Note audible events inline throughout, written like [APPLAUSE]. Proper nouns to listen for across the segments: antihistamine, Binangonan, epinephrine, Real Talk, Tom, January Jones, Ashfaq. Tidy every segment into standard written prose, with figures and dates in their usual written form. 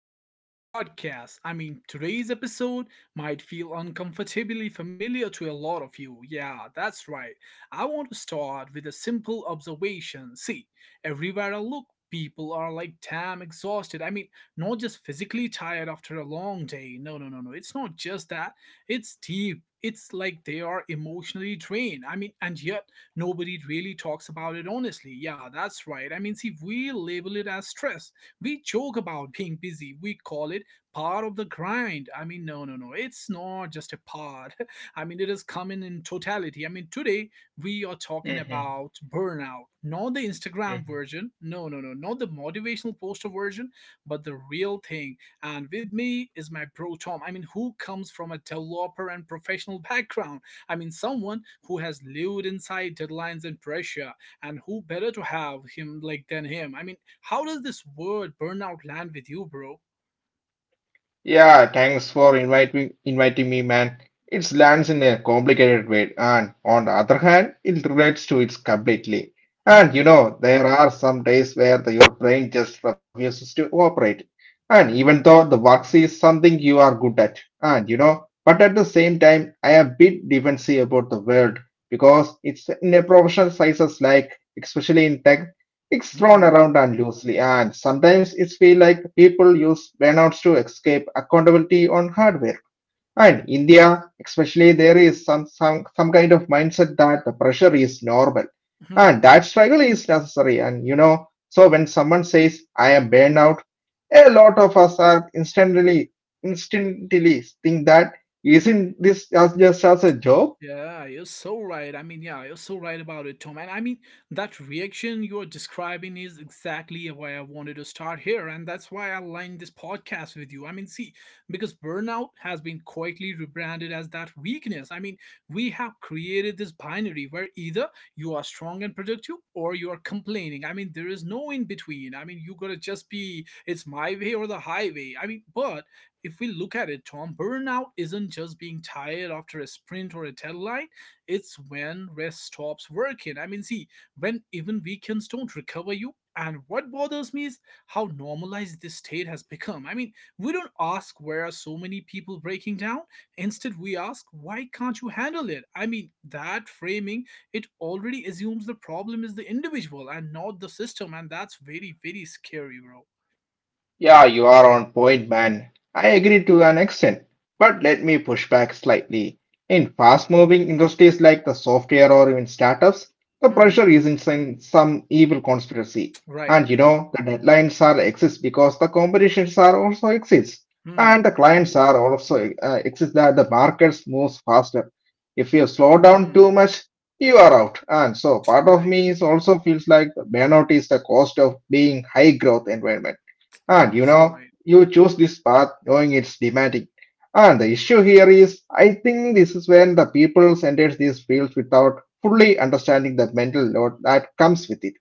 Real Talk podcast. I mean, today's episode might feel uncomfortably familiar to a lot of you. Yeah, that's right. I want to start with a simple observation. See, everywhere I look, people are like damn exhausted. I mean, not just physically tired after a long day. No, no, no, no. It's not just that. It's deep. It's like they are emotionally drained. I mean, and yet nobody really talks about it honestly. Yeah, that's right. I mean, see, we label it as stress. We joke about being busy. We call it part of the grind. I mean, no, no, no. It's not just a part. [LAUGHS] I mean, it is coming in totality. I mean, today we are talking about Mhm, burnout, not the Instagram version. mhm. No, no, no. Not the motivational poster version, but the real thing. And with me is my bro Tom. I mean, who comes from a developer and professional background. I mean, someone who has lived inside deadlines and pressure, and who better to have him like than him? I mean, how does this word burnout land with you, bro? Yeah, thanks for inviting me, man. It lands in a complicated way, and on the other hand, it relates to it completely. And you Hmm, know, there are some days where your brain just refuses to operate. And hmm, even though the works is something you are good at, and you know, but at the same time, I am a bit defensive about the world because it's in a professional sizes like, especially in tech. It's thrown hmm, around unloosely, and sometimes it feels like people use burnouts to escape accountability on hardware. And India, especially, there is some kind of mindset that the pressure is normal. And hmm. that struggle is necessary. And you know, so when someone says, I am burnout, a lot of us are instantly think that isn't this just as a job? Yeah, you're so right. I mean, yeah, you're so right about it, Tom. And I mean, that reaction you're describing is exactly why I wanted to start here. And that's why I aligned this podcast with you. I mean, see, because burnout has been quietly rebranded as that weakness. I mean, we have created this binary where either you are strong and productive or you are complaining. I mean, there is no in between. I mean, you gotta just be, it's my way or the highway. I mean, but if we look at it, Tom, burnout isn't just being tired after a sprint or a deadline. It's when rest stops working. I mean, see, when even weekends don't recover you. And what bothers me is how normalized this state has become. I mean, we don't ask where are so many people breaking down. Instead, we ask, why can't you handle it? I mean, that framing, it already assumes the problem is the individual and not the system. And that's very, very scary, bro. Yeah, you are on point, man. I agree to an extent, but let me push back slightly. In fast-moving industries like the software or even startups, the Hmm, pressure isn't some evil conspiracy. right. And you know, the deadlines are exist because the competitions are also exists, and the Hmm, clients are also exist that the markets moves faster. If you hmm. slow down too much, you are out. And so Right. part of me is also feels like the burnout is the cost of being high growth environment. Ah, And you so know, right. you choose this path knowing it's demanding. And the issue here is, I think this is when the people enter these fields without fully understanding the mental load that comes with it,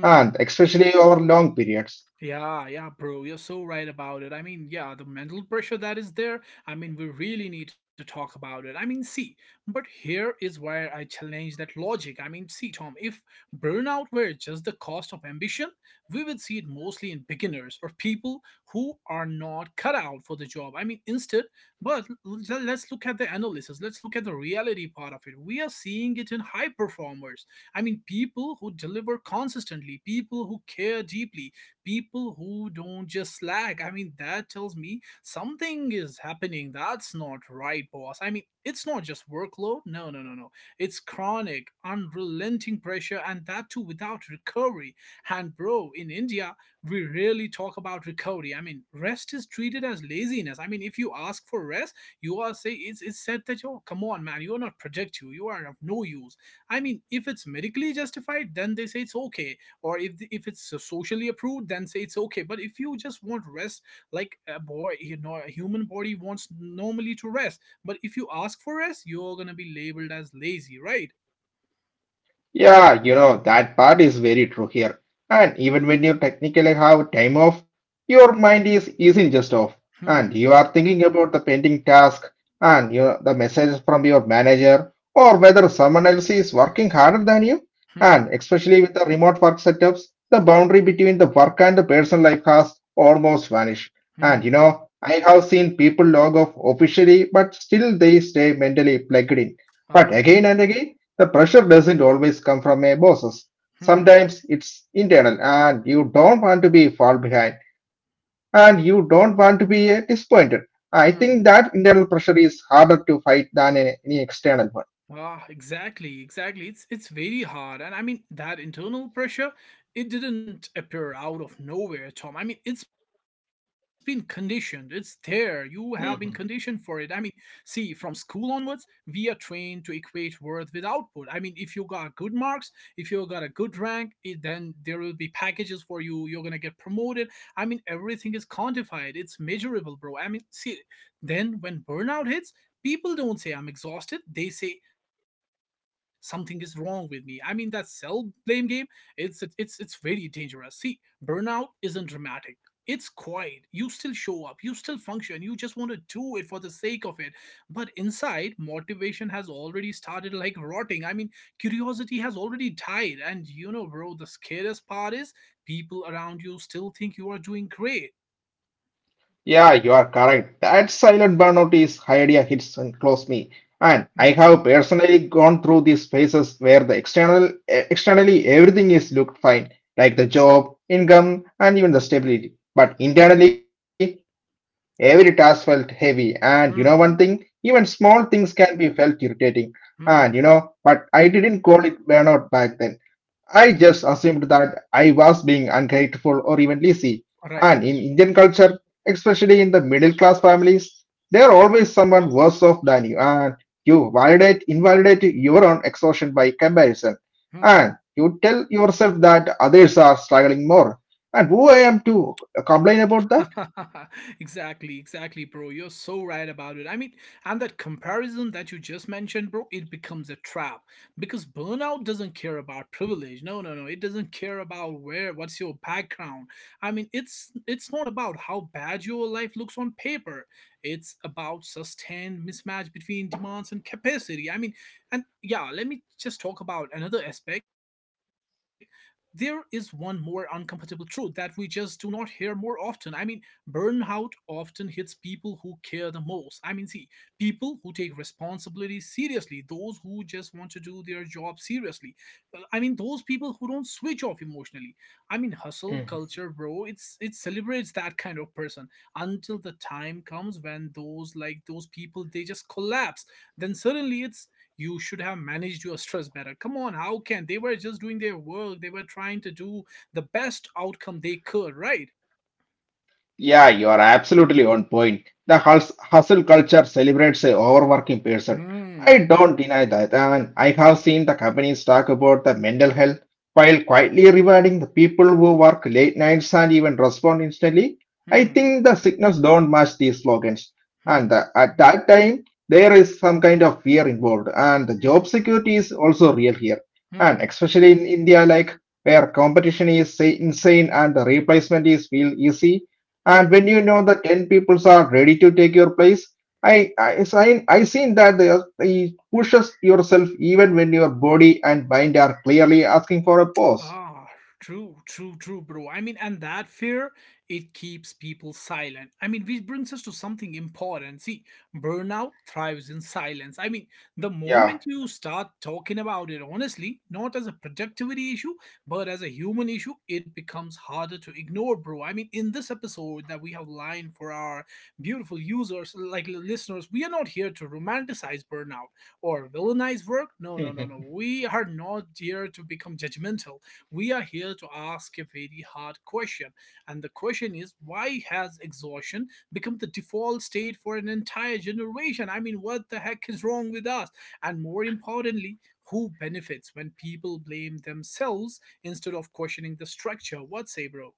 and especially over long periods. Yeah, yeah, bro, you're so right about it. I mean, yeah, the mental pressure that is there, I mean, we really need to talk about it. I mean, see, but here is where I challenge that logic. I mean, see, Tom, if burnout were just the cost of ambition, we would see it mostly in beginners or people who are not cut out for the job. I mean, instead, but let's look at the analysis, let's look at the reality part of it. We are seeing it in high performers. I mean, people who deliver consistently, people who care deeply, people who don't just slack. I mean, that tells me something is happening. That's not right, boss. I mean, it's not just workload. No, no, no, no. It's chronic, unrelenting pressure, and that too without recovery. And, bro, in India, we rarely talk about recovery. I mean, rest is treated as laziness. I mean, if you ask for rest, you are say it's said that, oh, come on, man, you are not productive, you are of no use. I mean, if it's medically justified, then they say it's okay, or if the, if it's socially approved, then say it's okay. But if you just want rest like a boy, you know, a human body wants normally to rest, but if you ask for rest, you're going to be labeled as lazy, right? Yeah, you know, that part is very true here. And even when you technically have time off, your mind is isn't just off. And Hmm. you are thinking about the pending task and you know, the messages from your manager or whether someone else is working harder than you. And Hmm. especially with the remote work setups, the boundary between the work and the personal life has almost vanished. And you Hmm. know, I have seen people log off officially, but still they stay mentally plugged in. Ah. But again and again, the pressure doesn't always come from a bosses. Hmm. Sometimes it's internal and you don't want to be fall behind and you don't want to be disappointed. I think that Hmm. internal pressure is harder to fight than any external Ah, exactly, exactly. It's very hard, and I mean that internal pressure. It didn't appear out of nowhere, Tom. I mean, it's been conditioned. It's there. You have been conditioned for it. I mean, one. see, from school onwards, we are trained to equate worth with output. I mean, if you got good marks, if you got a good rank, it, then there will be packages for you. You're gonna get promoted. I mean, everything is quantified. It's measurable, bro. I mean, see, then when burnout hits, people don't say I'm exhausted. They say something is wrong with me. I mean, that self blame game. It's very dangerous. See, burnout isn't dramatic. It's quiet. You still show up. You still function. You just want to do it for the sake of it. But inside, motivation has already started like rotting. I mean, curiosity has already died. And you know, bro, the scariest part is people around you still think you are doing great. Yeah, you are correct. That silent burnout is idea hits and close me. And Hmm. I have personally gone through these phases where the external externally everything is looked fine, like the job, income, and even the stability. But internally, every task felt heavy. And you know one thing, even Hmm. small things can be felt irritating. And you know, but Hmm. I didn't call it burnout back then. I just assumed that I was being ungrateful or even lazy. And Right. in Indian culture, especially in the middle class families, there are always someone worse off than you, and you validate, invalidate your own exhaustion by comparison. Hmm. And you tell yourself that others are struggling more. And who I am to complain about that? [LAUGHS] Exactly, exactly, bro. You're so right about it. I mean, and that comparison that you just mentioned, bro, it becomes a trap because burnout doesn't care about privilege. No, no, no. It doesn't care about what's your background. I mean, it's not about how bad your life looks on paper. It's about sustained mismatch between demands and capacity. I mean, and yeah, let me just talk about another aspect. There is one more uncomfortable truth that we just do not hear more often. I mean, burnout often hits people who care the most. I mean, see, people who take responsibility seriously, those who just want to do their job seriously. I mean, those people who don't switch off emotionally. I mean, hustle culture, bro. It celebrates that kind of person until the time comes when those like those people they just collapse. Then suddenly it's, you should have managed your stress better. Come on, how can they were just doing their work? They were trying to do the best outcome they could, right? Yeah, you are absolutely on point. The hustle culture celebrates a overworking person. I 嗯 don't deny that, and I have seen the companies talk about the mental health while quietly rewarding the people who work late nights and even respond instantly. I 嗯 think the signals don't match these slogans, and 嗯 at that time there is some kind of fear involved, and the job 嗯 security is also real here, and 嗯 especially in India, like where competition is say, insane and the replacement is feel easy and 嗯。when you know the 10 peoples are ready to take your place, I seen that he pushes yourself even when your body and mind are clearly asking for a pause. Ah, true, true, true, bro. I mean, and that fear, it keeps people silent. I mean, which brings us to something important. See, burnout thrives in silence. I mean, the Yeah. moment you start talking about it honestly, not as a productivity issue, but as a human issue, it becomes harder to ignore, bro. I mean, in this episode that we have lined for our beautiful users, like listeners, we are not here to romanticize burnout or villainize work. No, no, no, no. We are not here to become judgmental. We are here to ask a very hard question, and the question is, why has exhaustion become the default state for an entire generation? I mean, what the heck is wrong with us? And more importantly, who benefits when people blame themselves instead of questioning the structure? What say, bro?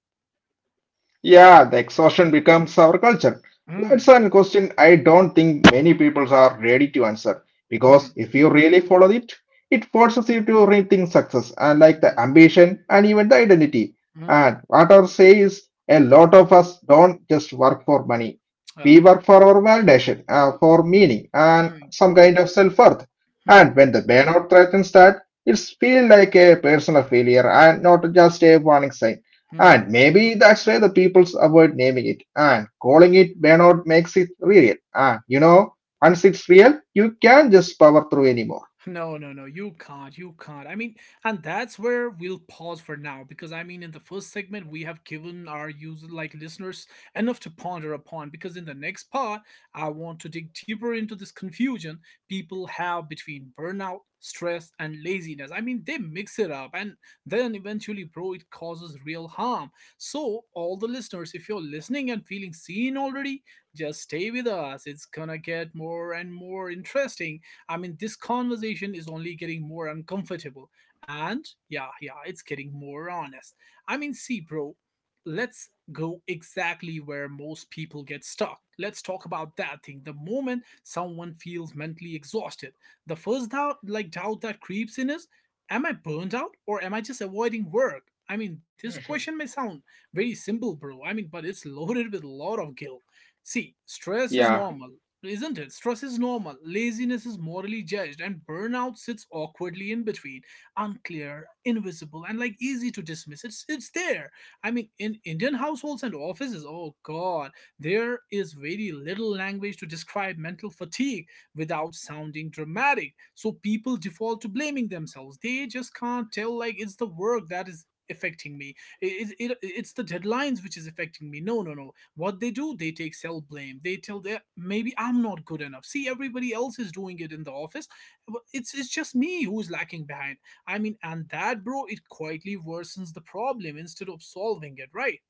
Yeah, the exhaustion becomes our culture. That's Hmm. a question I don't think many people are ready to answer because Hmm. if you really follow it, it forces you to rethink success and like the Hmm. ambition and even the identity. Hmm. And what I'll say is a lot of us don't just work for money. We Ah. work for our validation, for meaning and Hmm. some kind of self-worth. Hmm. And when the burnout threatens that, it's feel like a personal failure and not just a warning sign. And Hmm. maybe that's why the peoples avoid naming it. And calling it burnout makes it real. And you know, once it's real, you can't just power through anymore. No, no, no, you can't. You can't. I mean, and that's where we'll pause for now, because I mean, in the first segment, we have given our user like listeners enough to ponder upon. Because in the next part, I want to dig deeper into this confusion people have between burnout, stress, and laziness. I mean, they mix it up, and then eventually, bro, it causes real harm. So, all the listeners, if you're listening and feeling seen already, just stay with us. It's gonna get more and more interesting. I mean, this conversation is only getting more uncomfortable. And yeah, yeah, it's getting more honest. I mean, see, bro, let's go exactly where most people get stuck. Let's talk about that thing. The moment someone feels mentally exhausted, the first doubt, like doubt that creeps in is, am I burned out or am I just avoiding work? I mean, this question may sound very simple, bro. I mean, but it's loaded with a lot of guilt. See, Yeah. stress is normal. Isn't it? Stress is normal, laziness is morally judged, and burnout sits awkwardly in between, unclear, invisible, and like easy to dismiss. It's there. I mean, in Indian households and offices, oh god, there is very little language to describe mental fatigue without sounding dramatic. So people default to blaming themselves. They just can't tell like it's the work that is affecting me. It's the deadlines which is affecting me. No, no, no, what they do, they take self blame, they tell their, maybe I'm not good enough. See, everybody else is doing it in the office, but it's just me who's lacking behind. I mean, and that, bro, it quietly worsens the problem instead of solving it, right?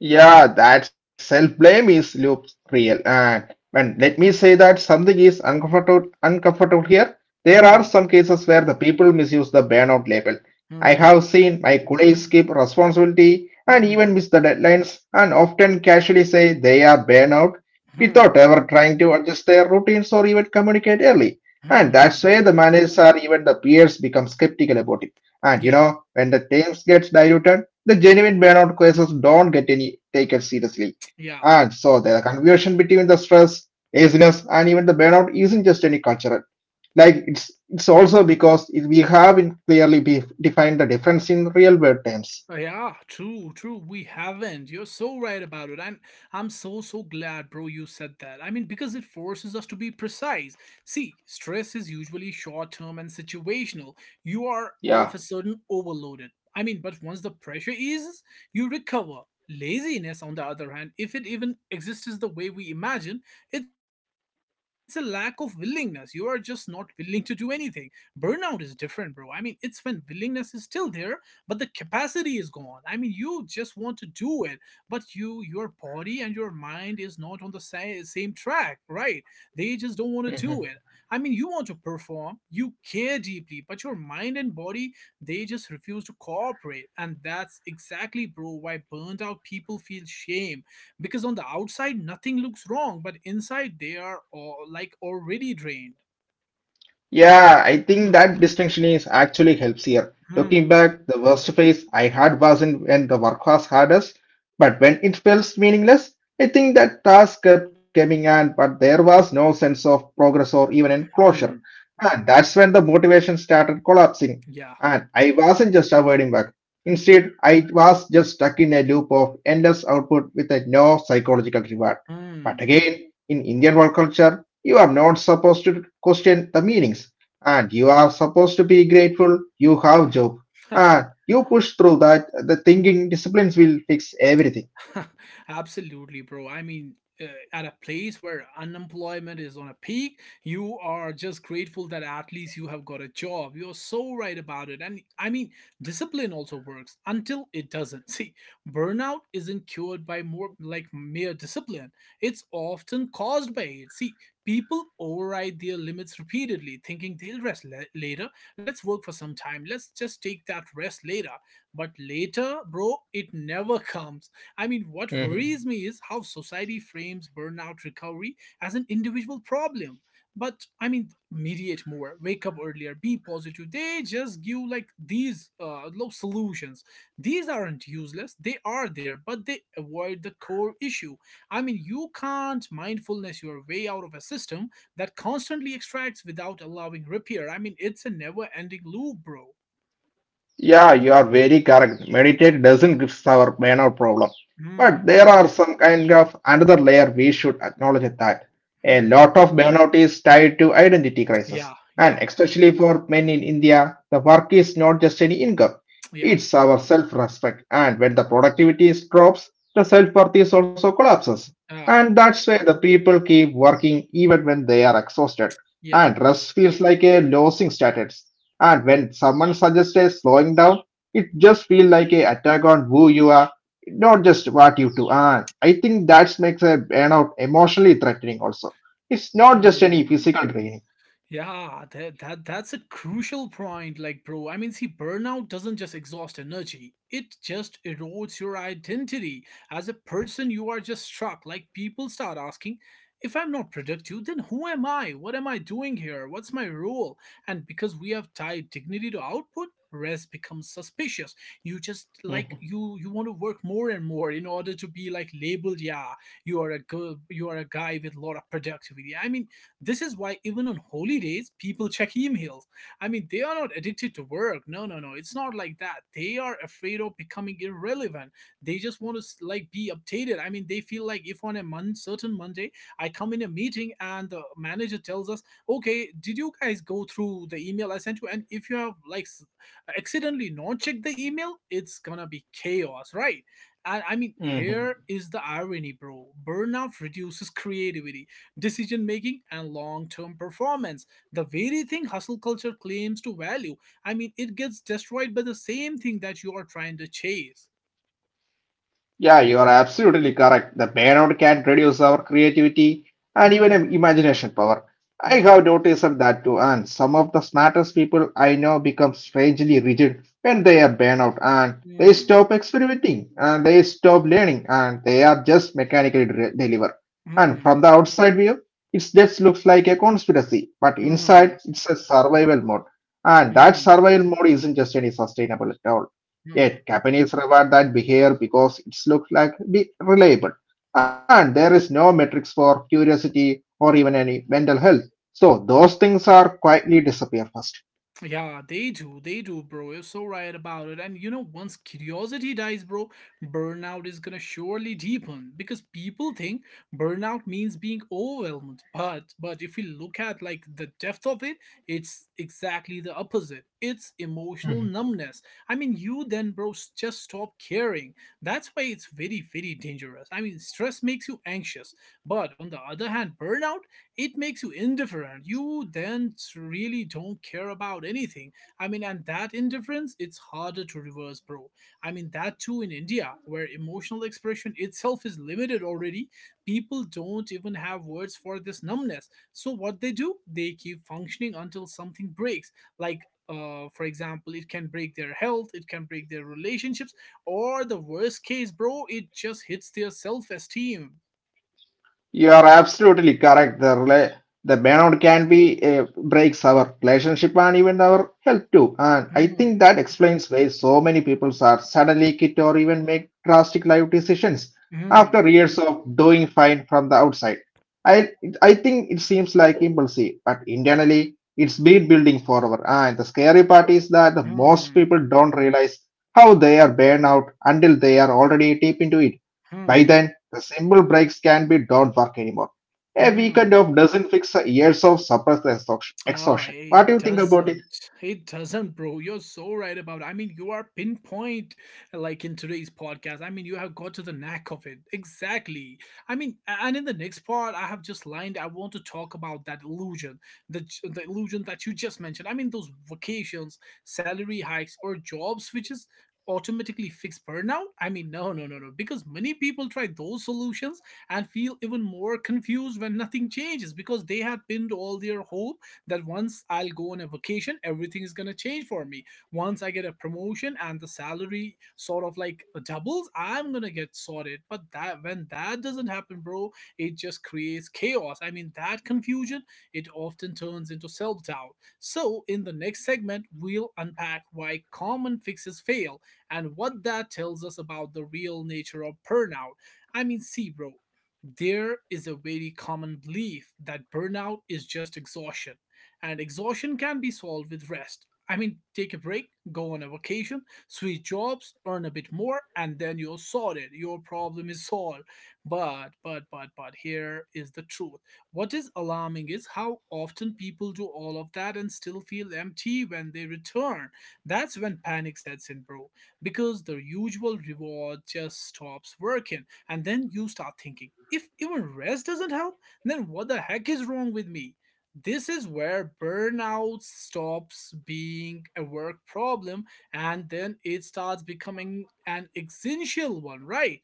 Yeah, that self-blame is loop real. And when let me say that something is uncomfortable here, there are Hmm. some cases where the people misuse the burnout label. I Hmm. have seen my colleagues skip responsibility and even Hmm. miss the deadlines and often casually say they are burnout without Hmm. ever trying to adjust their routines or even communicate early. Hmm. And Hmm, that's where hmm. the managers or even the peers become skeptical about it. And you Yeah. know, when the teams gets diluted, the genuine burnout cases don't get any taken seriously. Yeah. And so the confusion between the stress, laziness, and even the burnout isn't just any cultural. Like it's also because it, we haven't clearly defined the difference in real world terms. Yeah, true, true. We haven't. You're so right about it. And I'm so, so glad, bro, you said that. I mean, because it forces us to be precise. See, stress is usually short term and situational. You are all of a Yeah. sudden overloaded. I mean, but once the pressure eases, you recover. Laziness, on the other hand, if it even exists as the way we imagine, it's a lack of willingness. You are just not willing to do anything. Burnout is different, bro. I mean, it's when willingness is still there, but the capacity is gone. I mean, you just want to do it, but your body and your mind is not on the same track, right? They just don't want to do it. I mean, you want to perform, you care deeply, but your mind and body, they just refuse to cooperate. And that's exactly, bro, why burned out people feel shame because on the outside nothing looks wrong, but inside they are all, like, already drained. Yeah, I think that distinction is actually helps here. Looking Hmm. back, the worst phase I had wasn't when the work was hardest, but when it felt meaningless. I think that task kept coming on, but there was no sense of progress or even in closure. Hmm. And that's when the motivation started collapsing. Yeah. And I wasn't just avoiding work. Instead, I was just stuck in a loop of endless output with a no psychological reward. But Hmm. again, in Indian work culture, you are not supposed to question the meanings, and you are supposed to be grateful you have job, and [LAUGHS] you push through that the thinking disciplines will fix everything. [LAUGHS] Absolutely, bro. I mean, uh, at a place where unemployment is on a peak, you are just grateful that at least you have got a job. You're so right about it. And I mean, discipline also works until it doesn't. [LAUGHS] See, burnout isn't cured by more like mere discipline, it's often caused by it. See, people override their limits repeatedly, thinking they'll rest later. Let's work for some time. Let's just take that rest later. But later, bro, it never [LAUGHS] comes. I mean, what worries me is how society frames burnout recovery as an individual problem. But I mean, mediate more, wake up earlier, be positive. They just give like these low solutions. These aren't useless, they are there, but they avoid the core issue. I mean, you can't mindfulness your way out of a system that constantly extracts without allowing repair. I mean, it's a never ending loop, bro. Yeah, you are very correct. Meditate doesn't give our burnout problem. But Hmm. there are some kind of another layer we should acknowledge that. A Hmm. lot of burnout is tied to identity crisis. Yeah. Yeah. And especially for men in India, the work is not just any income. Yeah. It's our self-respect. And when the productivity is drops, the self-worth is also collapses. And Ah. that's why the people keep working even when they are exhausted. Yeah. And rest feels like a losing status. And when someone suggests a slowing down, it just feels like a attack on who you are, not just what you do. And I think that makes a burnout emotionally threatening also. It's not just any Hmm. physical training. Yeah, that's a crucial point, like bro. I mean, see, burnout doesn't just exhaust energy. It just erodes your identity. As a person, you are just struck. Like, people start asking, if I'm not productive, then who am I? What am I doing here? What's my role? And because we have tied dignity to output, rest becomes suspicious. You just like Mhm. you want to work more and more in order to be like labeled, yeah, you are a girl, you are a guy with a lot of productivity. I mean, this is why even on holy days, people check emails. I mean, they are not addicted to work. No, no, no. It's not like that. They are afraid of becoming irrelevant. They just want to like be updated. I mean, they feel like if on a month, certain Monday, I come in a meeting and the manager tells us, "Okay, did you guys go through the email I sent you?" And if you have like accidentally not checked the email, it's gonna be chaos, right? And I mean, Mhm. here is the irony, bro. Burnout reduces creativity, decision making, and long-term performance, the very thing hustle culture claims to value. I mean, it gets destroyed by the same thing that you are trying to chase. Yeah, you are absolutely correct. The burnout can reduce our creativity and even Hmm. imagination power. I have Hmm. noticed that too, and some of the smartest people I know become strangely rigid when they are burnout and they Hmm. stop experimenting and they stop learning and they are just mechanically delivered. And Hmm. from the outside view, it just looks like a conspiracy, but inside Hmm. it's a survival mode. Hmm. And that survival mode isn't just any sustainable at all. Hmm. Yet companies reward that behavior because it looks like be reliable. And there is no metrics for curiosity or even any mental health. So those things are quietly disappear first. Yeah, they do. They do, bro. You're so right about it. And you know, once curiosity dies, bro, burnout is gonna surely deepen because people think burnout means being overwhelmed. But if you look at like the depth of it, it's exactly the opposite. It's emotional numbness. I mean, you then, bro, just stop caring. That's why it's very, very dangerous. I mean, stress makes you anxious. But on the other hand, burnout, it makes you indifferent. You then really don't care about anything. I mean, and that indifference, it's harder to reverse, bro. I mean, that too in India, where emotional expression itself is limited already, people don't even have words for this numbness. So what they do, they keep functioning until something breaks, like, for example, it can break their health, it can break their relationships, or the worst case, bro, it just hits their self esteem. You are absolutely correct. The burnout can be breaks our relationship and even our health too. And I think Hmm. that explains why so many people are suddenly quit or even make drastic life decisions after Hmm. years of doing fine from the outside. I I think it seems like impulsive, but internally it's been building forever. And the scary part is that the most Hmm. people don't realize how they are burned out until they are already deep into it. う By ん、then the simple breaks can be don't work anymore. う A weekend ん。of doesn't fix years of suppressed exhaustion. Oh, exhaustion. What it do you think about it? doesn't. It doesn't, bro. You're so right about it. I mean, you are pinpoint, like in today's podcast. I mean, you have got to the knack of it. Exactly. I mean, and in the next part, I have just lined I want to talk about that illusion, the illusion that you just mentioned. I mean, those vacations, salary hikes or job switches automatically fix burnout? I mean, no, no, no, no. Because many people try those solutions and feel even more confused when nothing changes because they had pinned all their hopes that once I'll go on a vacation, everything is gonna change for me. Once I get a promotion and the salary sort of like doubles, I'm gonna get sorted. But that when that doesn't happen, bro, it just creates chaos. I mean, that confusion, it often turns into self doubt. So, in the next segment, we'll unpack why common fixes fail and what that tells us about the real nature of burnout. I mean, see, bro, there is a very common belief that burnout is just exhaustion and exhaustion can be solved with rest. I mean, take a break, go on a vacation, switch jobs, earn a bit more, and then you're sorted. Your problem is solved. But, here is the truth. What is alarming is how often people do all of that and still feel empty when they return. That's when panic sets in, bro, because the usual reward just stops working. And then you start thinking, if even rest doesn't help, then what the heck is wrong with me? This is where burnout stops being a work problem and then it starts becoming an existential one, right?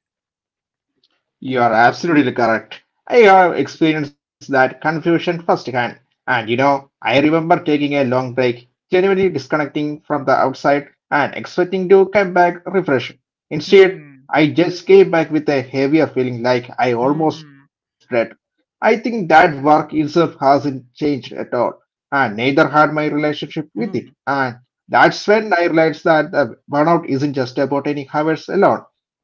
You are absolutely correct. I have experienced that confusion firsthand. And you know, I remember taking a long break, genuinely disconnecting from the outside and expecting to come back refreshed. Instead, Hmm, I just came back with a heavier feeling like I almost hmm, dread. I think that work itself hasn't changed at all, and neither had my hmm. relationship with it. And that's when I realized that the burnout isn't just about any hours alone.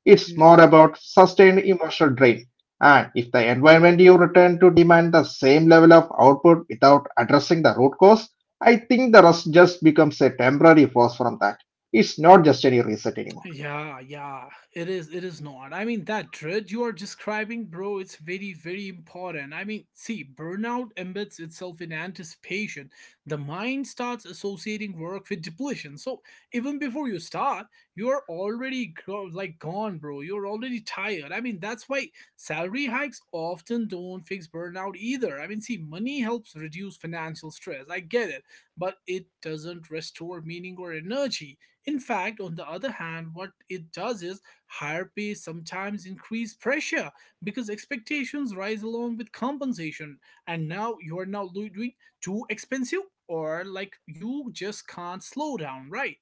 It's No. more about sustained emotional drain and if the environment you return to demand the same level of output without addressing the root cause, I think the rust just becomes a temporary force from that. It's not just any reset anymore. Yeah, yeah, it is. It is not. I mean, that dread you are describing, bro, it's very, very important. I mean, see, burnout embeds itself in anticipation. The mind starts associating work with depletion. So even before you start, you are already like gone, bro. You're already tired. I mean, that's why salary hikes often don't fix burnout either. I mean, see, money helps reduce financial stress. I get it, but it doesn't restore meaning or energy. In fact, on the other hand, what it does is higher pay sometimes increase pressure because expectations rise along with compensation, and now you are now doing too expensive, or like you just can't slow down, right?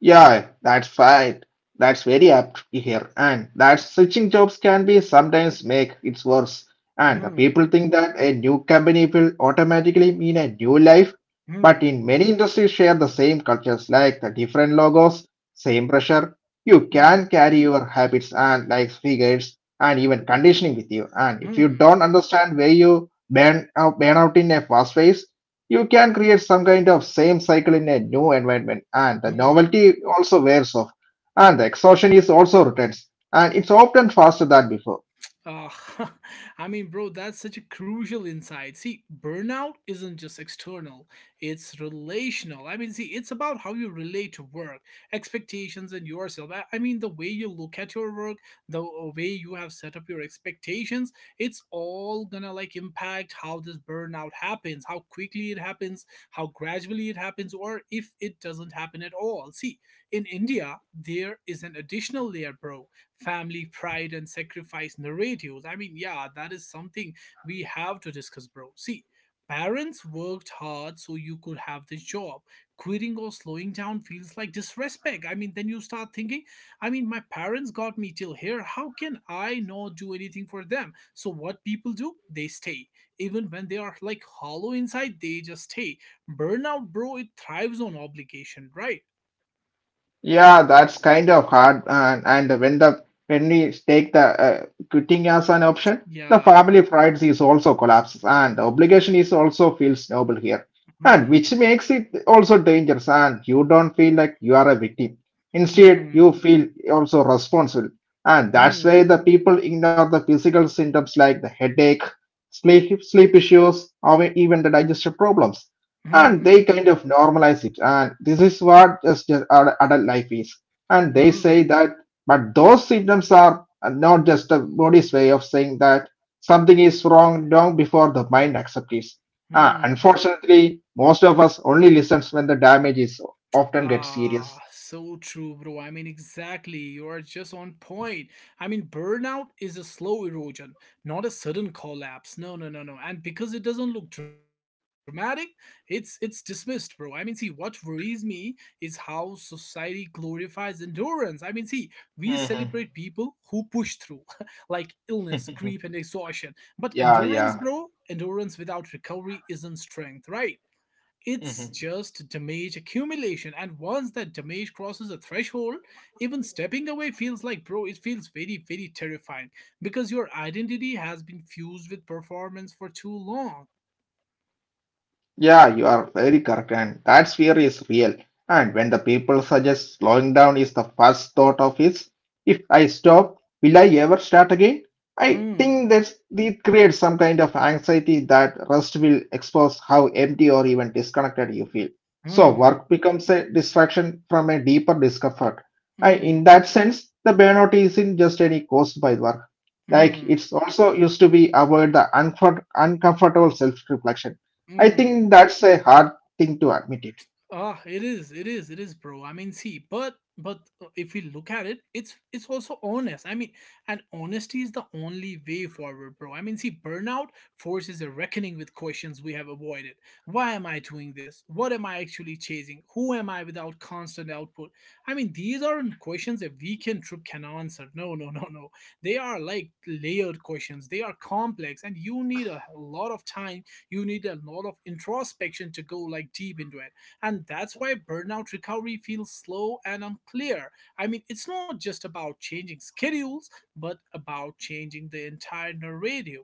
Yeah, that's fine. That's very apt to hear. And that switching jobs can be sometimes make it worse. And the Hmm. people think that a new company will automatically mean a new life. But Hmm. in many industries share the same cultures like the different logos, same pressure. You Hmm. can carry your habits and like figures and even conditioning with you. And if you Hmm. don't understand where you burn out in a fast phase, you can create some kind of same cycle in a new environment, and the Hmm. novelty also wears off, and the exhaustion is also returns, and it's often faster than before. Uh, [LAUGHS] I mean, bro, that's such a crucial insight. See, burnout isn't just external, it's relational. I mean, see, it's about how you relate to work, expectations, and yourself. I mean, the way you look at your work, the way you have set up your expectations, it's all gonna like impact how this burnout happens, how quickly it happens, how gradually it happens, or if it doesn't happen at all. See, in India, there is an additional layer, bro, family pride and sacrifice narratives. I mean, yeah, that is something we have to discuss, bro. See, parents worked hard so you could have this job. Quitting or slowing down feels like disrespect. I mean, then you start thinking, I mean, my parents got me till here. How can I not do anything for them? So, what people do, they stay. Even when they are like hollow inside, they just stay. Burnout, bro, it thrives on obligation, right? Yeah, that's kind of hard. And when the when we take the quitting as an option, the Yeah. family pride is also collapses, and obligation is also feels noble here, and Hmm. which makes it also dangerous. And you don't feel like you are a victim. Instead, you Hmm. feel also responsible, and that's why Hmm. the people ignore the physical symptoms like the headache, sleep issues, or even the digestive problems, and Hmm, they kind of normalize it and this is what just adult life is, and they say hmm, that, but those symptoms are not just the body's way of saying that something is wrong long before the mind accepts it. Ah, hmm. unfortunately most of us only listens when the damage is often gets Ah, serious. so true, bro. I mean, exactly. You are just on point. I mean, burnout is a slow erosion, not a sudden collapse. No, no, no, no. And because it doesn't look dramatic, it's dismissed, bro. I mean, see, what worries me is how society glorifies endurance. I mean, see, we celebrate Hmm. people who push through, [LAUGHS] like illness, grief, and [LAUGHS] exhaustion. But Yeah, endurance, yeah. bro, endurance without recovery isn't strength, right? It's just damage accumulation, and once that damage crosses a threshold, even stepping away feels like, bro, it feels very, very terrifying because your identity has been fused with performance for too long. Yeah, you are very correct, and that fear is real. And when the people suggest slowing down is the first thought of is, if I stop, will I ever start again? I Hmm, think that it creates some kind of anxiety that rest will expose how empty or even disconnected you feel. So hmm, work becomes a distraction from a deeper discomfort. And in hmm, that sense, the burnout isn't just any caused by work. Like hmm, it's also used to be avoid the uncomfortable self-reflection. I hmm. think that's a hard thing to admit. It. Ah, it is, it is, it is, bro. I mean, see, but if we look at it, it's also honest. I mean, and honesty is the only way forward, bro. I mean, see, burnout forces a reckoning with questions we have avoided. Why am I doing this? What am I actually chasing? Who am I without constant output? I mean, these aren't questions a weekend trip can answer. No, no, [LAUGHS] no, no. They are like layered questions. They are complex, and you need a lot of time. You need a lot of introspection to go like deep into it, and that's why burnout recovery feels slow and unclear. I mean, it's not just about changing schedules, but about changing the entire narrative.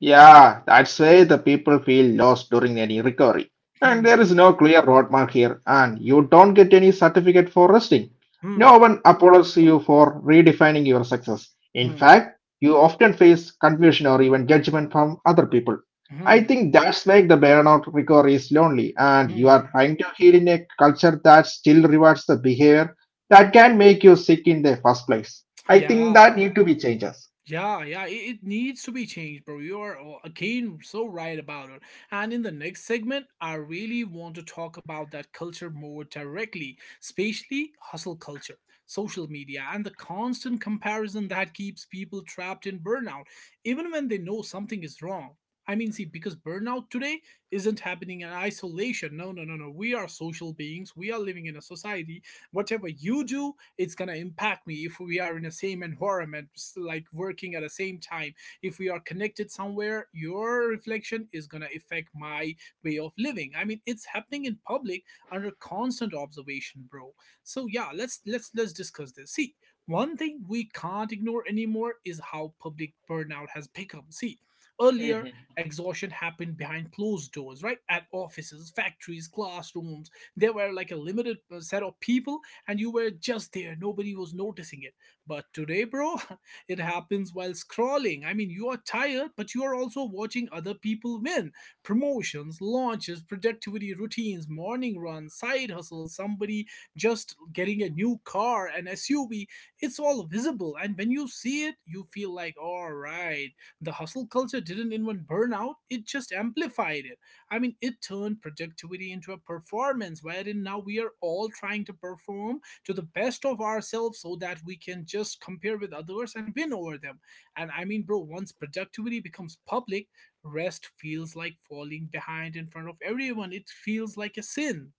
Yeah, that's why the people feel lost during any recovery. And there is Hmm, no clear roadmap here, and you don't get any certificate for resting. No hmm, one applauds you for redefining your success. In hmm, fact, you often face confusion or even judgment from other people. I hmm, think that's make the burnout recovery is lonely, and you are hmm. trying to heal in a culture that still rewards the behavior that can make you sick in the first place. I think Yeah. that need to be changed. Yeah, yeah, it needs to be changed, bro. You are again so right about it. And in the next segment, I really want to talk about that culture more directly, especially hustle culture, social media, and the constant comparison that keeps people trapped in burnout, even when they know something is wrong. I mean, see, because burnout today isn't happening in isolation. No, no, no, no. We are social beings. We are living in a society. Whatever you do, it's going to impact me if we are in the same environment, like working at the same time. If we are connected somewhere, your reflection is going to affect my way of living. I mean, it's happening in public under constant observation, bro. So yeah, let's discuss this. See, one thing we can't ignore anymore is how public burnout has become. See, earlier exhaustion happened behind closed doors, right, at offices, factories, classrooms. There were like a limited set of people, and you were just there. Nobody was noticing it. But today, bro, [LAUGHS] it happens while scrolling. I mean, you are tired, but you are also watching other people win promotions, launches, productivity routines, morning runs, side hustles, somebody just getting a new car, an SUV. It's all visible. And when you see it, you feel like, all right, the hustle culture didn't invent burnout, it just amplified it. I mean, it turned productivity into a performance wherein now we are all trying to perform to the best of ourselves so that we can just compare with others and win over them. And I mean, bro, once productivity becomes public, rest feels like falling behind in front of everyone. It feels like a sin.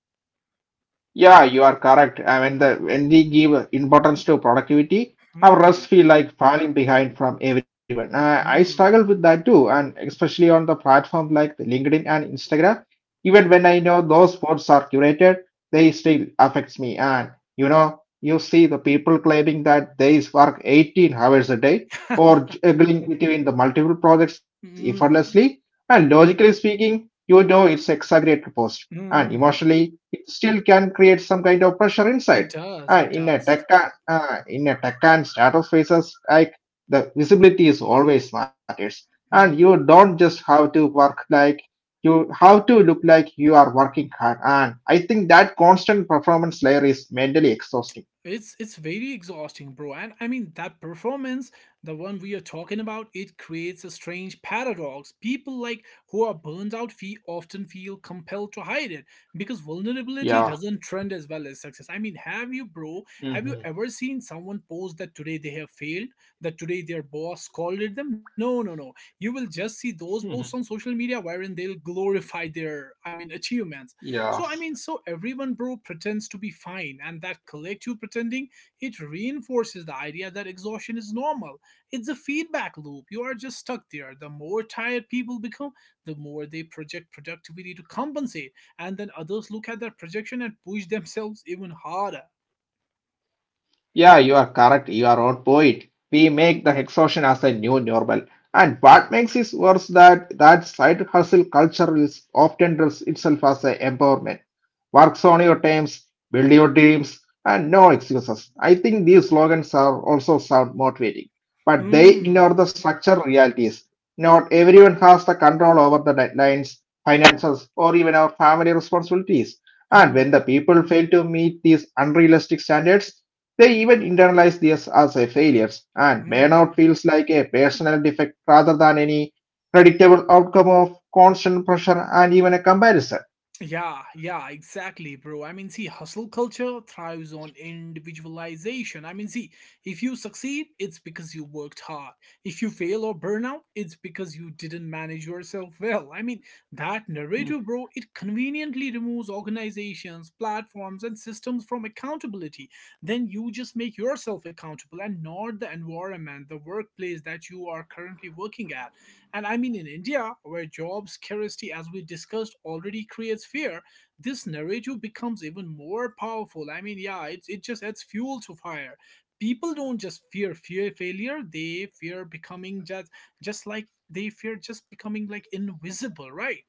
Yeah, you are correct. I mean, the, when we give importance to productivity, our rests Hmm. feel like falling behind from everyone. I Hmm. struggle with that too, and especially on the platform like LinkedIn and Instagram. Hmm. Even when I know those posts are curated, they still affects me. And you know, you see the people claiming that they work 18 hours a day or [LAUGHS] juggling between the multiple projects Hmm. effortlessly. And logically speaking, you know it's exaggerated post. And Hmm. emotionally, it still can create some kind of pressure It inside. does. It And does. In a tech and startup phases, like the visibility is always matters, and you Hmm. don't just have to work like you have to look like you are working hard. And I think that constant performance layer is mentally exhausting. It's very exhausting, bro. And I mean that performance, the one we are talking about, it creates a strange paradox. People like who are burned out fee often feel compelled to hide it because vulnerability Yeah. doesn't trend as well as success. I mean, have you, bro? Have you Hmm. ever seen someone post that today they have failed, that today their boss scolded them? No, no, no. You will just see those posts on [LAUGHS] social media wherein they'll glorify their, I mean, achievements. Yeah. So, I mean, so everyone, bro, pretends to be fine, and that collective pretending, it reinforces the idea that exhaustion is normal. It's a feedback loop. You are just stuck there. The more tired people become, the more they project productivity to compensate, and then others look at that projection and push themselves even harder. Yeah, you are correct. You are on point. We make the exhaustion as a new normal. And what makes it worse that that side hustle culture is often dress itself as a empowerment. Works on your terms, build your dreams, and no excuses. I think these slogans are also sound motivating, but they Hmm. ignore the structural realities. Not everyone has the control over the deadlines, finances, or even our family responsibilities. And when the Hmm. people fail to meet these unrealistic standards, they even internalize this as a failures, and burnout Hmm. feels like a personal defect rather than any predictable outcome of constant pressure and even a comparison. Yeah, yeah, exactly, bro. I mean, see, hustle culture thrives on individualization. I mean, see, if you succeed, it's because you worked hard. If you fail or burn out, it's because you didn't manage yourself well. I mean, that narrative, bro, it conveniently removes organizations, platforms, and systems from accountability. Then you just make yourself accountable and not the environment, the workplace that you are currently working at. And I mean, in India, where job scarcity, as we discussed, already creates fear, this narrative becomes even more powerful. I mean, yeah, it just adds fuel to fire. People don't just fear failure; they fear becoming just like they fear just becoming like invisible, right?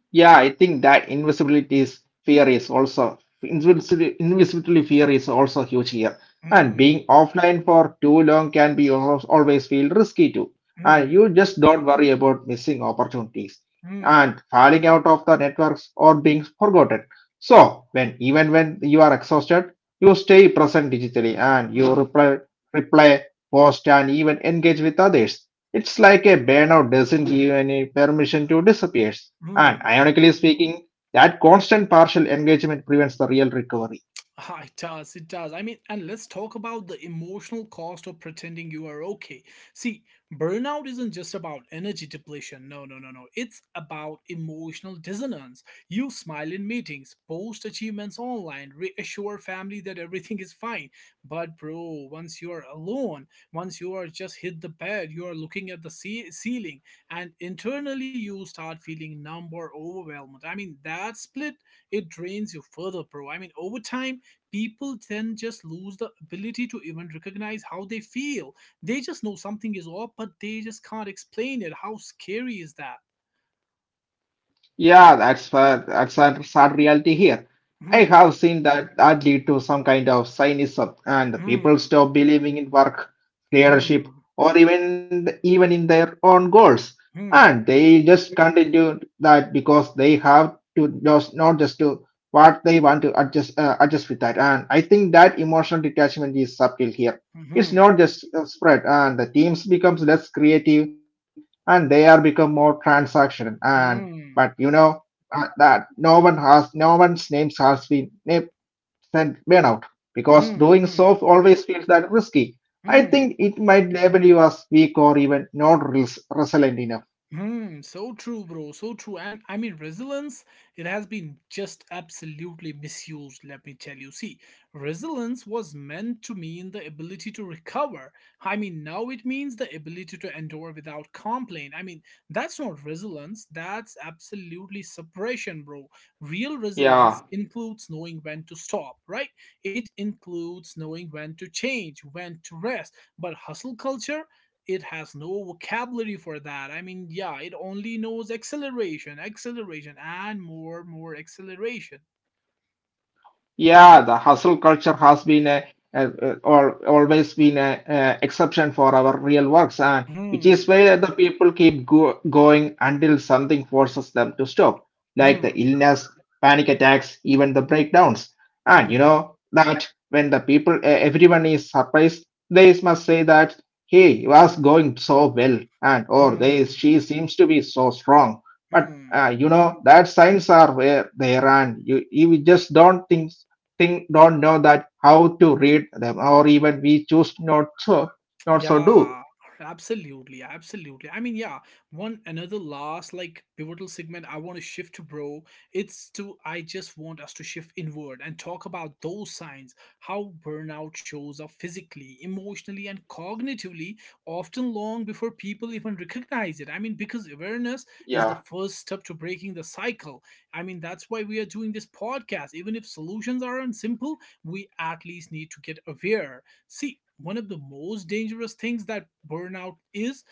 Yeah, I think that invisibility is fear is also invisibility fear is also huge here. And Mm, being offline for too long can be always feel risky too. And mm, you just don't worry about missing opportunities mm, and falling out of the networks or being forgotten. So when even when you are exhausted, you stay present digitally and you mm, reply, reply, post, and even engage with others. It's like a burnout doesn't give any permission to disappear. And mm. ironically speaking, that constant partial engagement prevents the real recovery. [LAUGHS] Ah, it does, it does. I mean, and let's talk about the emotional cost of pretending you are okay. See, burnout isn't just about energy depletion. No, no, no, no. It's about emotional dissonance. You smile in meetings, post achievements online, reassure family that everything is fine. But, bro, once you are alone, once you are just hit the bed, you are looking at the ceiling, and internally you start feeling numb or overwhelmed. I mean, that split, it drains you further, bro. I mean, over time, people then just lose the ability to even recognize how they feel. They just know something is off, but they just can't explain it. How scary is that? Yeah, that's a sad reality here. I Hmm. have seen that that lead to some kind of cynicism, and people Hmm. stop believing in work, leadership, Hmm. or even in their own goals, Hmm. and they just continue that because they have to just not just to what they want to adjust adjust with that. And I think that emotional detachment is subtle here. It's Hmm. not just spread, and the teams becomes less creative, and they are become more transactional and but you Hmm. know that no one has no one's names has been named and burnout because doing Hmm. so Hmm. always feels that risky. I Hmm. think it might label you as weak or even not resilient enough. Hmm, so true, bro. So true. And I mean, resilience, it has been just absolutely misused, let me tell you. See, resilience was meant to mean the ability to recover. I mean, now it means the ability to endure without complaint. I mean, that's not resilience. That's absolutely separation, bro. Real resilience Yeah. includes knowing when to stop, right? It includes knowing when to change, when to rest. But hustle culture, it has no vocabulary for that. I mean, yeah, it only knows acceleration, acceleration, and more acceleration. Yeah, the hustle culture has been or always been a exception for our real works, and which is Hmm. why the people keep going until something forces them to stop, like the Hmm. illness, panic attacks, even the breakdowns. And you Hmm. know that when the people, everyone is surprised, they must say that, "Hey, he was going so well, and or they Hmm. she seems to be so strong." But Hmm, hmm. You know that signs are where there and you just don't think don't know that how to read them or even we choose not so not so do. Yeah, absolutely, absolutely. I mean, yeah, one another last like pivotal segment I want to shift to, bro. It's to I just want us to shift inward and talk about those signs, how burnout shows up physically, emotionally, and cognitively, often long before people even recognize it. I mean, because awareness Yeah. is the first step to breaking the cycle. I mean, that's why we are doing this podcast. Even if solutions aren't simple, we at least need to get aware. See, one of the most dangerous things that burnout is,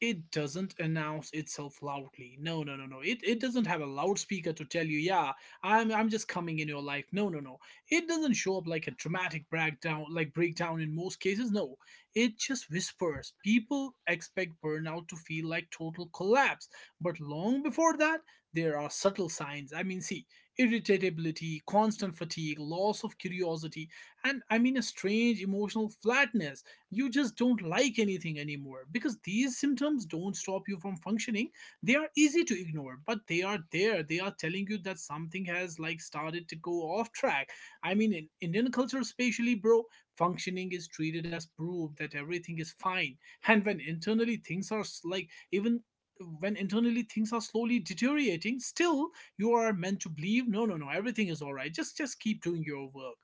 it doesn't announce itself loudly. No, no, no, no. It doesn't have a loudspeaker to tell you, yeah, I'm just coming in your life. No, no, no. It doesn't show up like a dramatic breakdown in most cases. No. It just whispers. People expect burnout to feel like total collapse. But long before that, there are subtle signs. I mean, see, irritability, constant fatigue, loss of curiosity, and I mean a strange emotional flatness. You just don't like anything anymore because these symptoms don't stop you from functioning. They are easy to ignore, but they are there. They are telling you that something has like started to go off track. I mean, in Indian culture, especially, bro, functioning is treated as proof that everything is fine. And when internally things are slowly deteriorating, still you are meant to believe, no, no, no, everything is all right, just keep doing your work.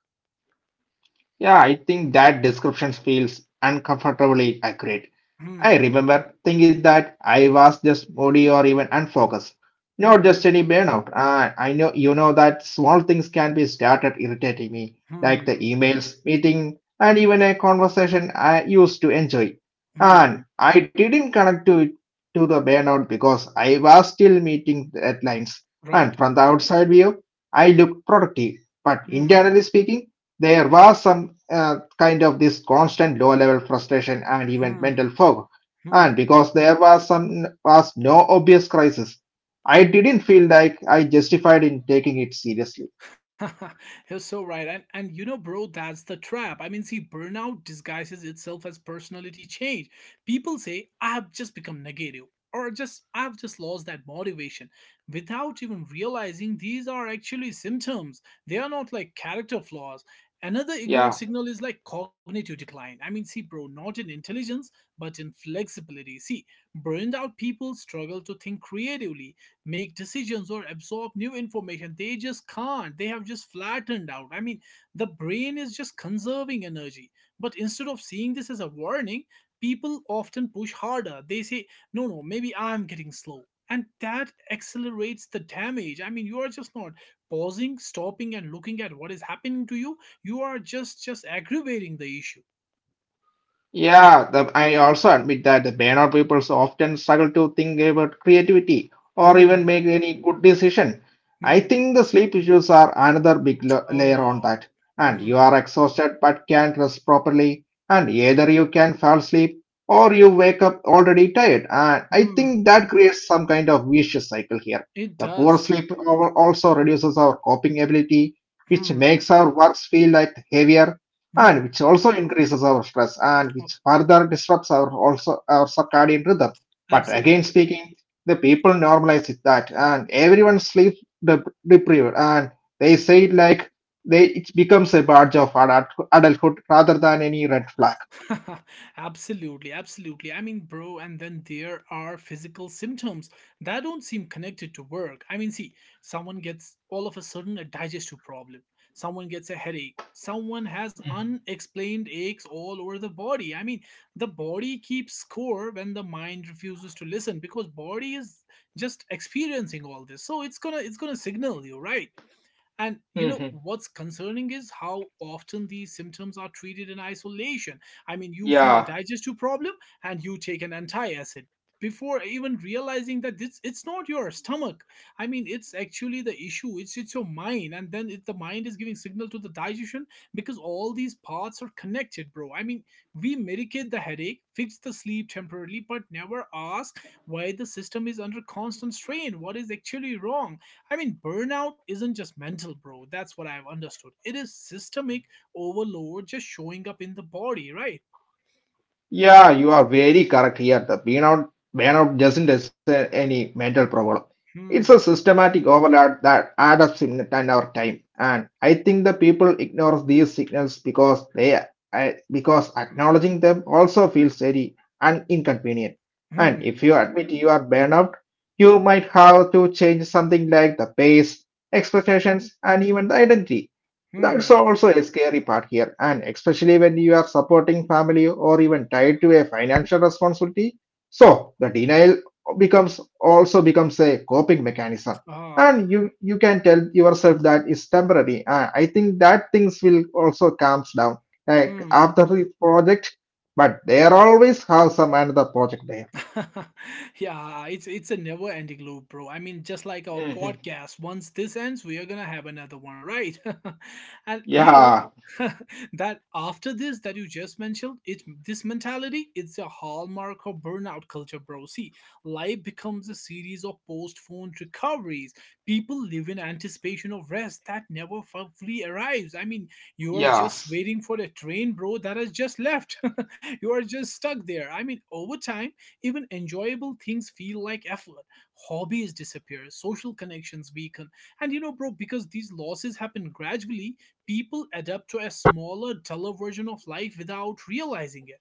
Yeah, I think that description feels uncomfortably accurate. I Hmm. remember thinking that I was just moody or even unfocused, not just Hmm. any burnout. I know you know that small things can be started irritating me, like the Hmm. emails, meeting, and even a conversation I used to enjoy. Hmm. And I didn't connect to it to the burnout because I was still meeting deadlines. And Right. from the outside view, I looked productive, but Hmm. internally speaking. There was some kind of this constant low level frustration and even mental Hmm. fog. And Hmm. because there was some was no obvious crisis, I didn't feel like I justified in taking it seriously. [LAUGHS] You're so right. And you know, bro, that's the trap. I mean, see, burnout disguises itself as personality change. People say, I've just become negative, or just I've just lost that motivation without even realizing these are actually symptoms. They are not like character flaws. Another ignored Yeah. signal is like cognitive decline. I mean, see, bro, not in intelligence, but in flexibility. See, burned out people struggle to think creatively, make decisions, or absorb new information. They just can't. They have just flattened out. I mean, the brain is just conserving energy. But instead of seeing this as a warning, people often push harder. They say, no, no, maybe I'm getting slow. And that accelerates the damage. I mean, you are just not pausing, stopping, and looking at what is happening to you. You are just aggravating the issue. Yeah, the, I also admit that the Banner papers often struggle to think about creativity or even Hmm. make any good decision. I Hmm. think the sleep issues are another big layer on Oh. that. And you Hmm. are exhausted but can't rest properly. And either you can fall asleep or you wake up already tired. And I Hmm. think that creates some kind of vicious cycle here. It The poor does. sleep also reduces our coping ability, which Hmm. makes our works feel like heavier and Hmm. which also increases our stress and which further disrupts our also our circadian rhythm. But again Absolutely. speaking, the people normalize it that and everyone sleep deprived and they say it like they it becomes a badge of adulthood rather than any red flag. [LAUGHS] Absolutely. Absolutely. I mean, bro, and then there are physical symptoms that don't seem connected to work. I mean, see, someone gets all of a sudden a digestive problem, someone gets a headache, someone has unexplained aches all over the body. I mean, the body keeps score when the mind refuses to listen, because body is just experiencing all this. So it's going to signal you, right? And you know Hmm. what's concerning is how often these symptoms are treated in isolation. I mean, you feel a Yeah. digestive problem and you take an anti-acid before even realizing that this it's not your stomach. I mean, it's actually the issue. It's your mind, and then it, the mind is giving signal to the digestion because all these parts are connected, bro. I mean, we medicate the headache, fix the sleep temporarily, but never ask why the system is under constant strain. What is actually wrong? I mean, burnout isn't just mental, bro. That's what I've understood. It is systemic overload just showing up in the body, right? Yeah, you are very correct here. The burnout, burnout doesn't deserve any mental problem. It's a Hmm, systematic overload that adds up in the time our time. And I think the people ignore these signals because they because acknowledging them also feels very inconvenient. And if hmm, you admit you are burnout, you might have to change something like the pace, expectations, and even the identity. That's hmm, also a scary part here, and especially when you are supporting family or even tied to a financial responsibility. So the denial becomes also becomes a coping mechanism, ah, and you can tell yourself that is temporary. I think that things will also calms down like hmm. after the project, but there always have some another project there. [LAUGHS] Yeah, it's a never ending loop, bro. I mean, just like our Mhm. podcast, once this ends, we are gonna have another one, right? [LAUGHS] And you know Yeah. [LAUGHS] that after this that you just mentioned, it this mentality, it's a hallmark of burnout culture, bro. See, life becomes a series of postponed recoveries. People live in anticipation of rest that never fully arrives. I mean, you are just Yes. waiting for the train, bro, that has just left. [LAUGHS] You are just stuck there. I mean, over time even enjoyable things feel like effort. Hobbies disappear, social connections weaken. And you know, bro, because these losses happen gradually, people adapt to a smaller, duller version of life without realizing it.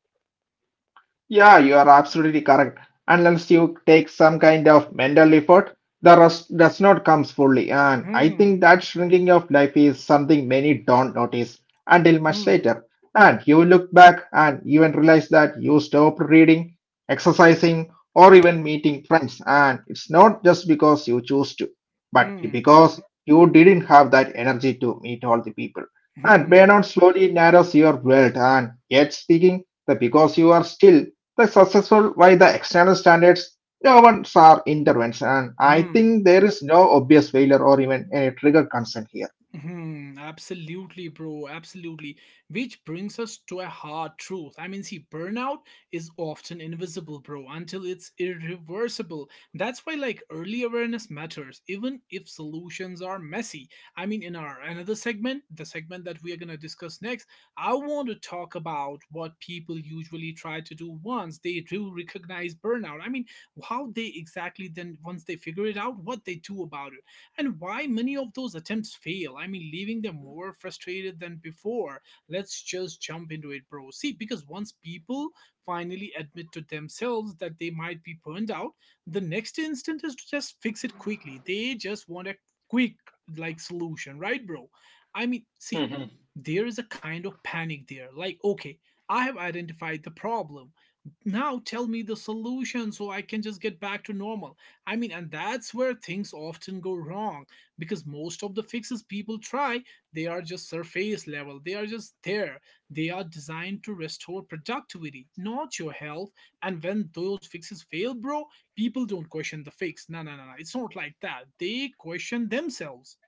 Yeah, you are absolutely correct. Unless you take some kind of mental effort, the rest does not come fully. And I think Hmm, that shrinking of life is something many don't notice until hmm, much later. And you look back and even realize that you stopped reading, exercising, or even meeting friends. And it's not just because you choose to, but hmm, because you didn't have that energy to meet all the people. And hmm, burnout slowly narrows your world. And yet speaking, that because you are still the successful by the external standards governs our intervention. And I hmm. think there is no obvious failure or even any trigger concern here. Hmm, absolutely, bro. Absolutely. Which brings us to a hard truth. I mean, see, burnout is often invisible, bro, until it's irreversible. That's why, like, early awareness matters, even if solutions are messy. I mean, in our another segment, the segment that we are going to discuss next, I want to talk about what people usually try to do once they do recognize burnout. I mean, how they exactly then, once they figure it out, what they do about it and why many of those attempts fail. I mean, leaving them more frustrated than before. Let's just jump into it, bro. See, because once people finally admit to themselves that they might be burned out, the next instinct is to just fix it quickly. They just want a quick, like, solution, right, bro? I mean, see, there is a kind of panic there. Like, okay, I have identified the problem. Now tell me the solution so I can just get back to normal. I mean, and that's where things often go wrong because most of the fixes people try, they are just surface level. They are just there. They are designed to restore productivity, not your health. And when those fixes fail, bro, people don't question the fix. No, no, no, no. It's not like that. They question themselves.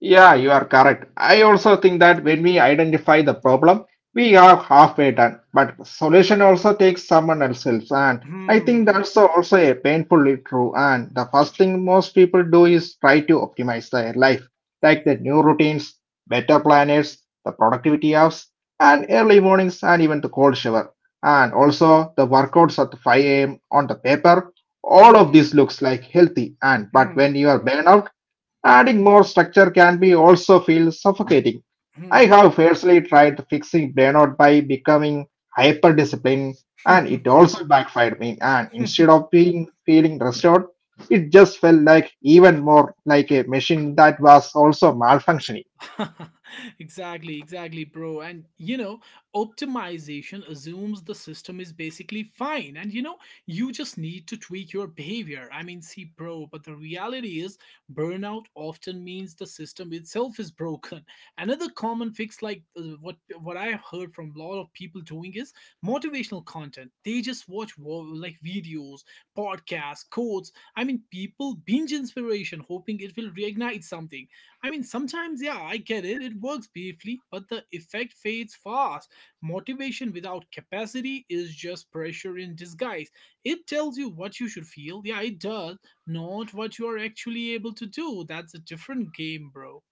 Yeah, you are correct. I also think that when we identify the problem, we are halfway done. But solution also takes someone else's, and I think Hmm. that's also a painfully true. And the first thing most people do is try to optimize their life, like the new routines, better planners, the productivity apps, and early mornings, and even the cold shower, and also the workouts at 5 a.m. on the paper. All of this Hmm. looks like healthy, and but when Hmm. you are burnout. Adding more structure can be also feel suffocating. I have personally tried fixing burnout by becoming hyper disciplined, and Hmm. it also backfired me and instead [LAUGHS] of being feeling restored, it just felt like even more like a machine that was also malfunctioning. [LAUGHS] exactly, exactly, bro. And you know, optimization assumes the system is basically fine, and you know, you just need to tweak your behavior. I mean, see, bro, but the reality is burnout often means the system itself is broken. [LAUGHS] Another common fix, like what I have heard from a lot of people doing, is motivational content. They just watch like videos, podcasts, quotes. I mean, people binge inspiration, hoping it will reignite something. I mean, sometimes, yeah, I get it, it works briefly, but the effect fades fast. Motivation without capacity is just pressure in disguise. It tells you what you should feel, yeah, it does, not what you are actually able to do. That's a different game, bro.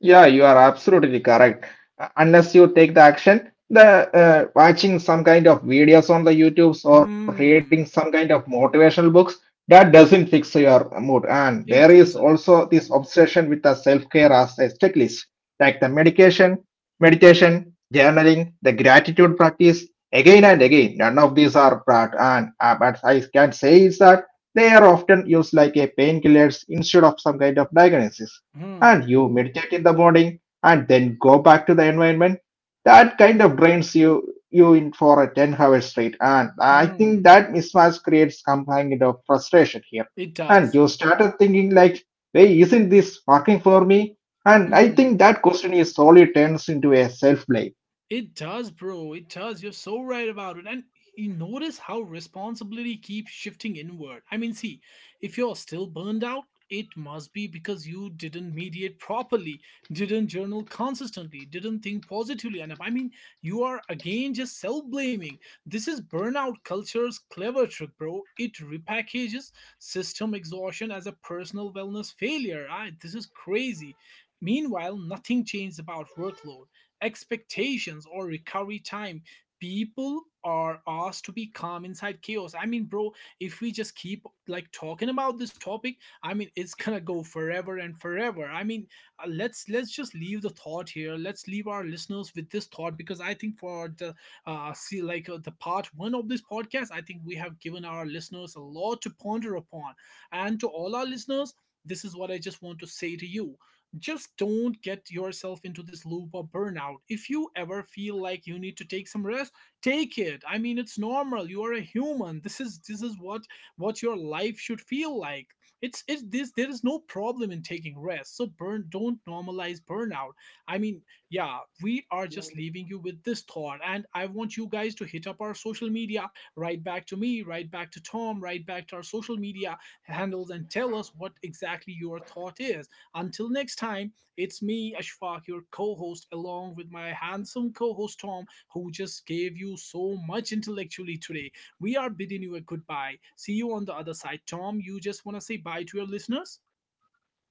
Yeah, you are absolutely correct. Unless you take the action, the watching some kind of videos on the YouTubes or reading Hmm, some kind of motivational books, that doesn't fix your mood. And it there is doesn't. also this obsession with the self-care as a checklist, like the medication, meditation, journaling, the gratitude practice, again and Hmm, again. None of these are bad. And but I can say is that they are often used like a painkillers instead of some kind of diagnosis, hmm, and you meditate in the morning and then go back to the environment that kind of drains you in for a 10-hour straight, and I hmm, think that mismatch creates some kind of frustration here, it and does. you started thinking like, hey, isn't this working for me, and I Hmm. think that question is solely turns into a self blame. It does, bro. It does. You're so right about it. And you notice how responsibility keeps shifting inward. I mean, see, if you're still burned out, it must be because you didn't mediate properly, didn't journal consistently, didn't think positively enough. I mean, you are again just self blaming. This is burnout culture's clever trick, bro. It repackages system exhaustion as a personal wellness failure. I, this is crazy. Meanwhile, nothing changed about workload expectations or recovery time. People are asked to be calm inside chaos. I mean, bro, if we just keep like talking about this topic, I mean it's [LAUGHS] gonna go forever and forever. I mean, let's just leave the thought here. Let's leave our listeners with this thought, because I think for the see like the part one of this podcast, I think we have given our listeners a lot to ponder upon. And to all our listeners, this is what I just want to say to you: just don't get yourself into this loop of burnout. If you ever feel like you need to take some rest, take it. I mean, it's normal. You are a human. This is what your life should feel like. It's this there is no problem in taking rest. So burn don't normalize burnout. I mean, yeah, we are just leaving you with this thought, and I want you guys to hit up our social media, right back to me, right back to Tom, right back to our social media handles and tell us what exactly your thought is. Until next time, it's me, Ashfaq, your co host, along with my handsome co host Tom, who just gave you so much intellectually today. We are bidding you a goodbye. See you on the other side. Tom, you just want to say bye to your listeners?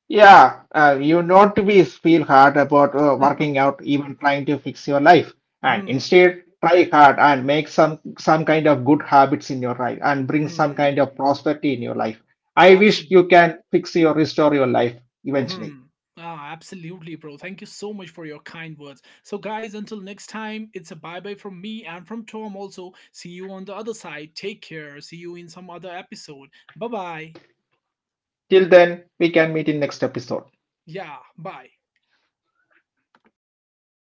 Yeah, you not to be feel hard about working [LAUGHS] out, even trying to fix your life, and Hmm. instead try hard and make some kind of good habits in your life and bring some Hmm. kind of prosperity in your life. I wish Absolutely. you can fix your restore your life eventually. Hmm. Ah, absolutely, bro. Thank you so much for your kind words. So, guys, until next time, it's a bye bye from me and from Tom also. See you on the other side. Take care. See you in some other episode. Bye bye. Till then, we can meet in next episode. Yeah, bye.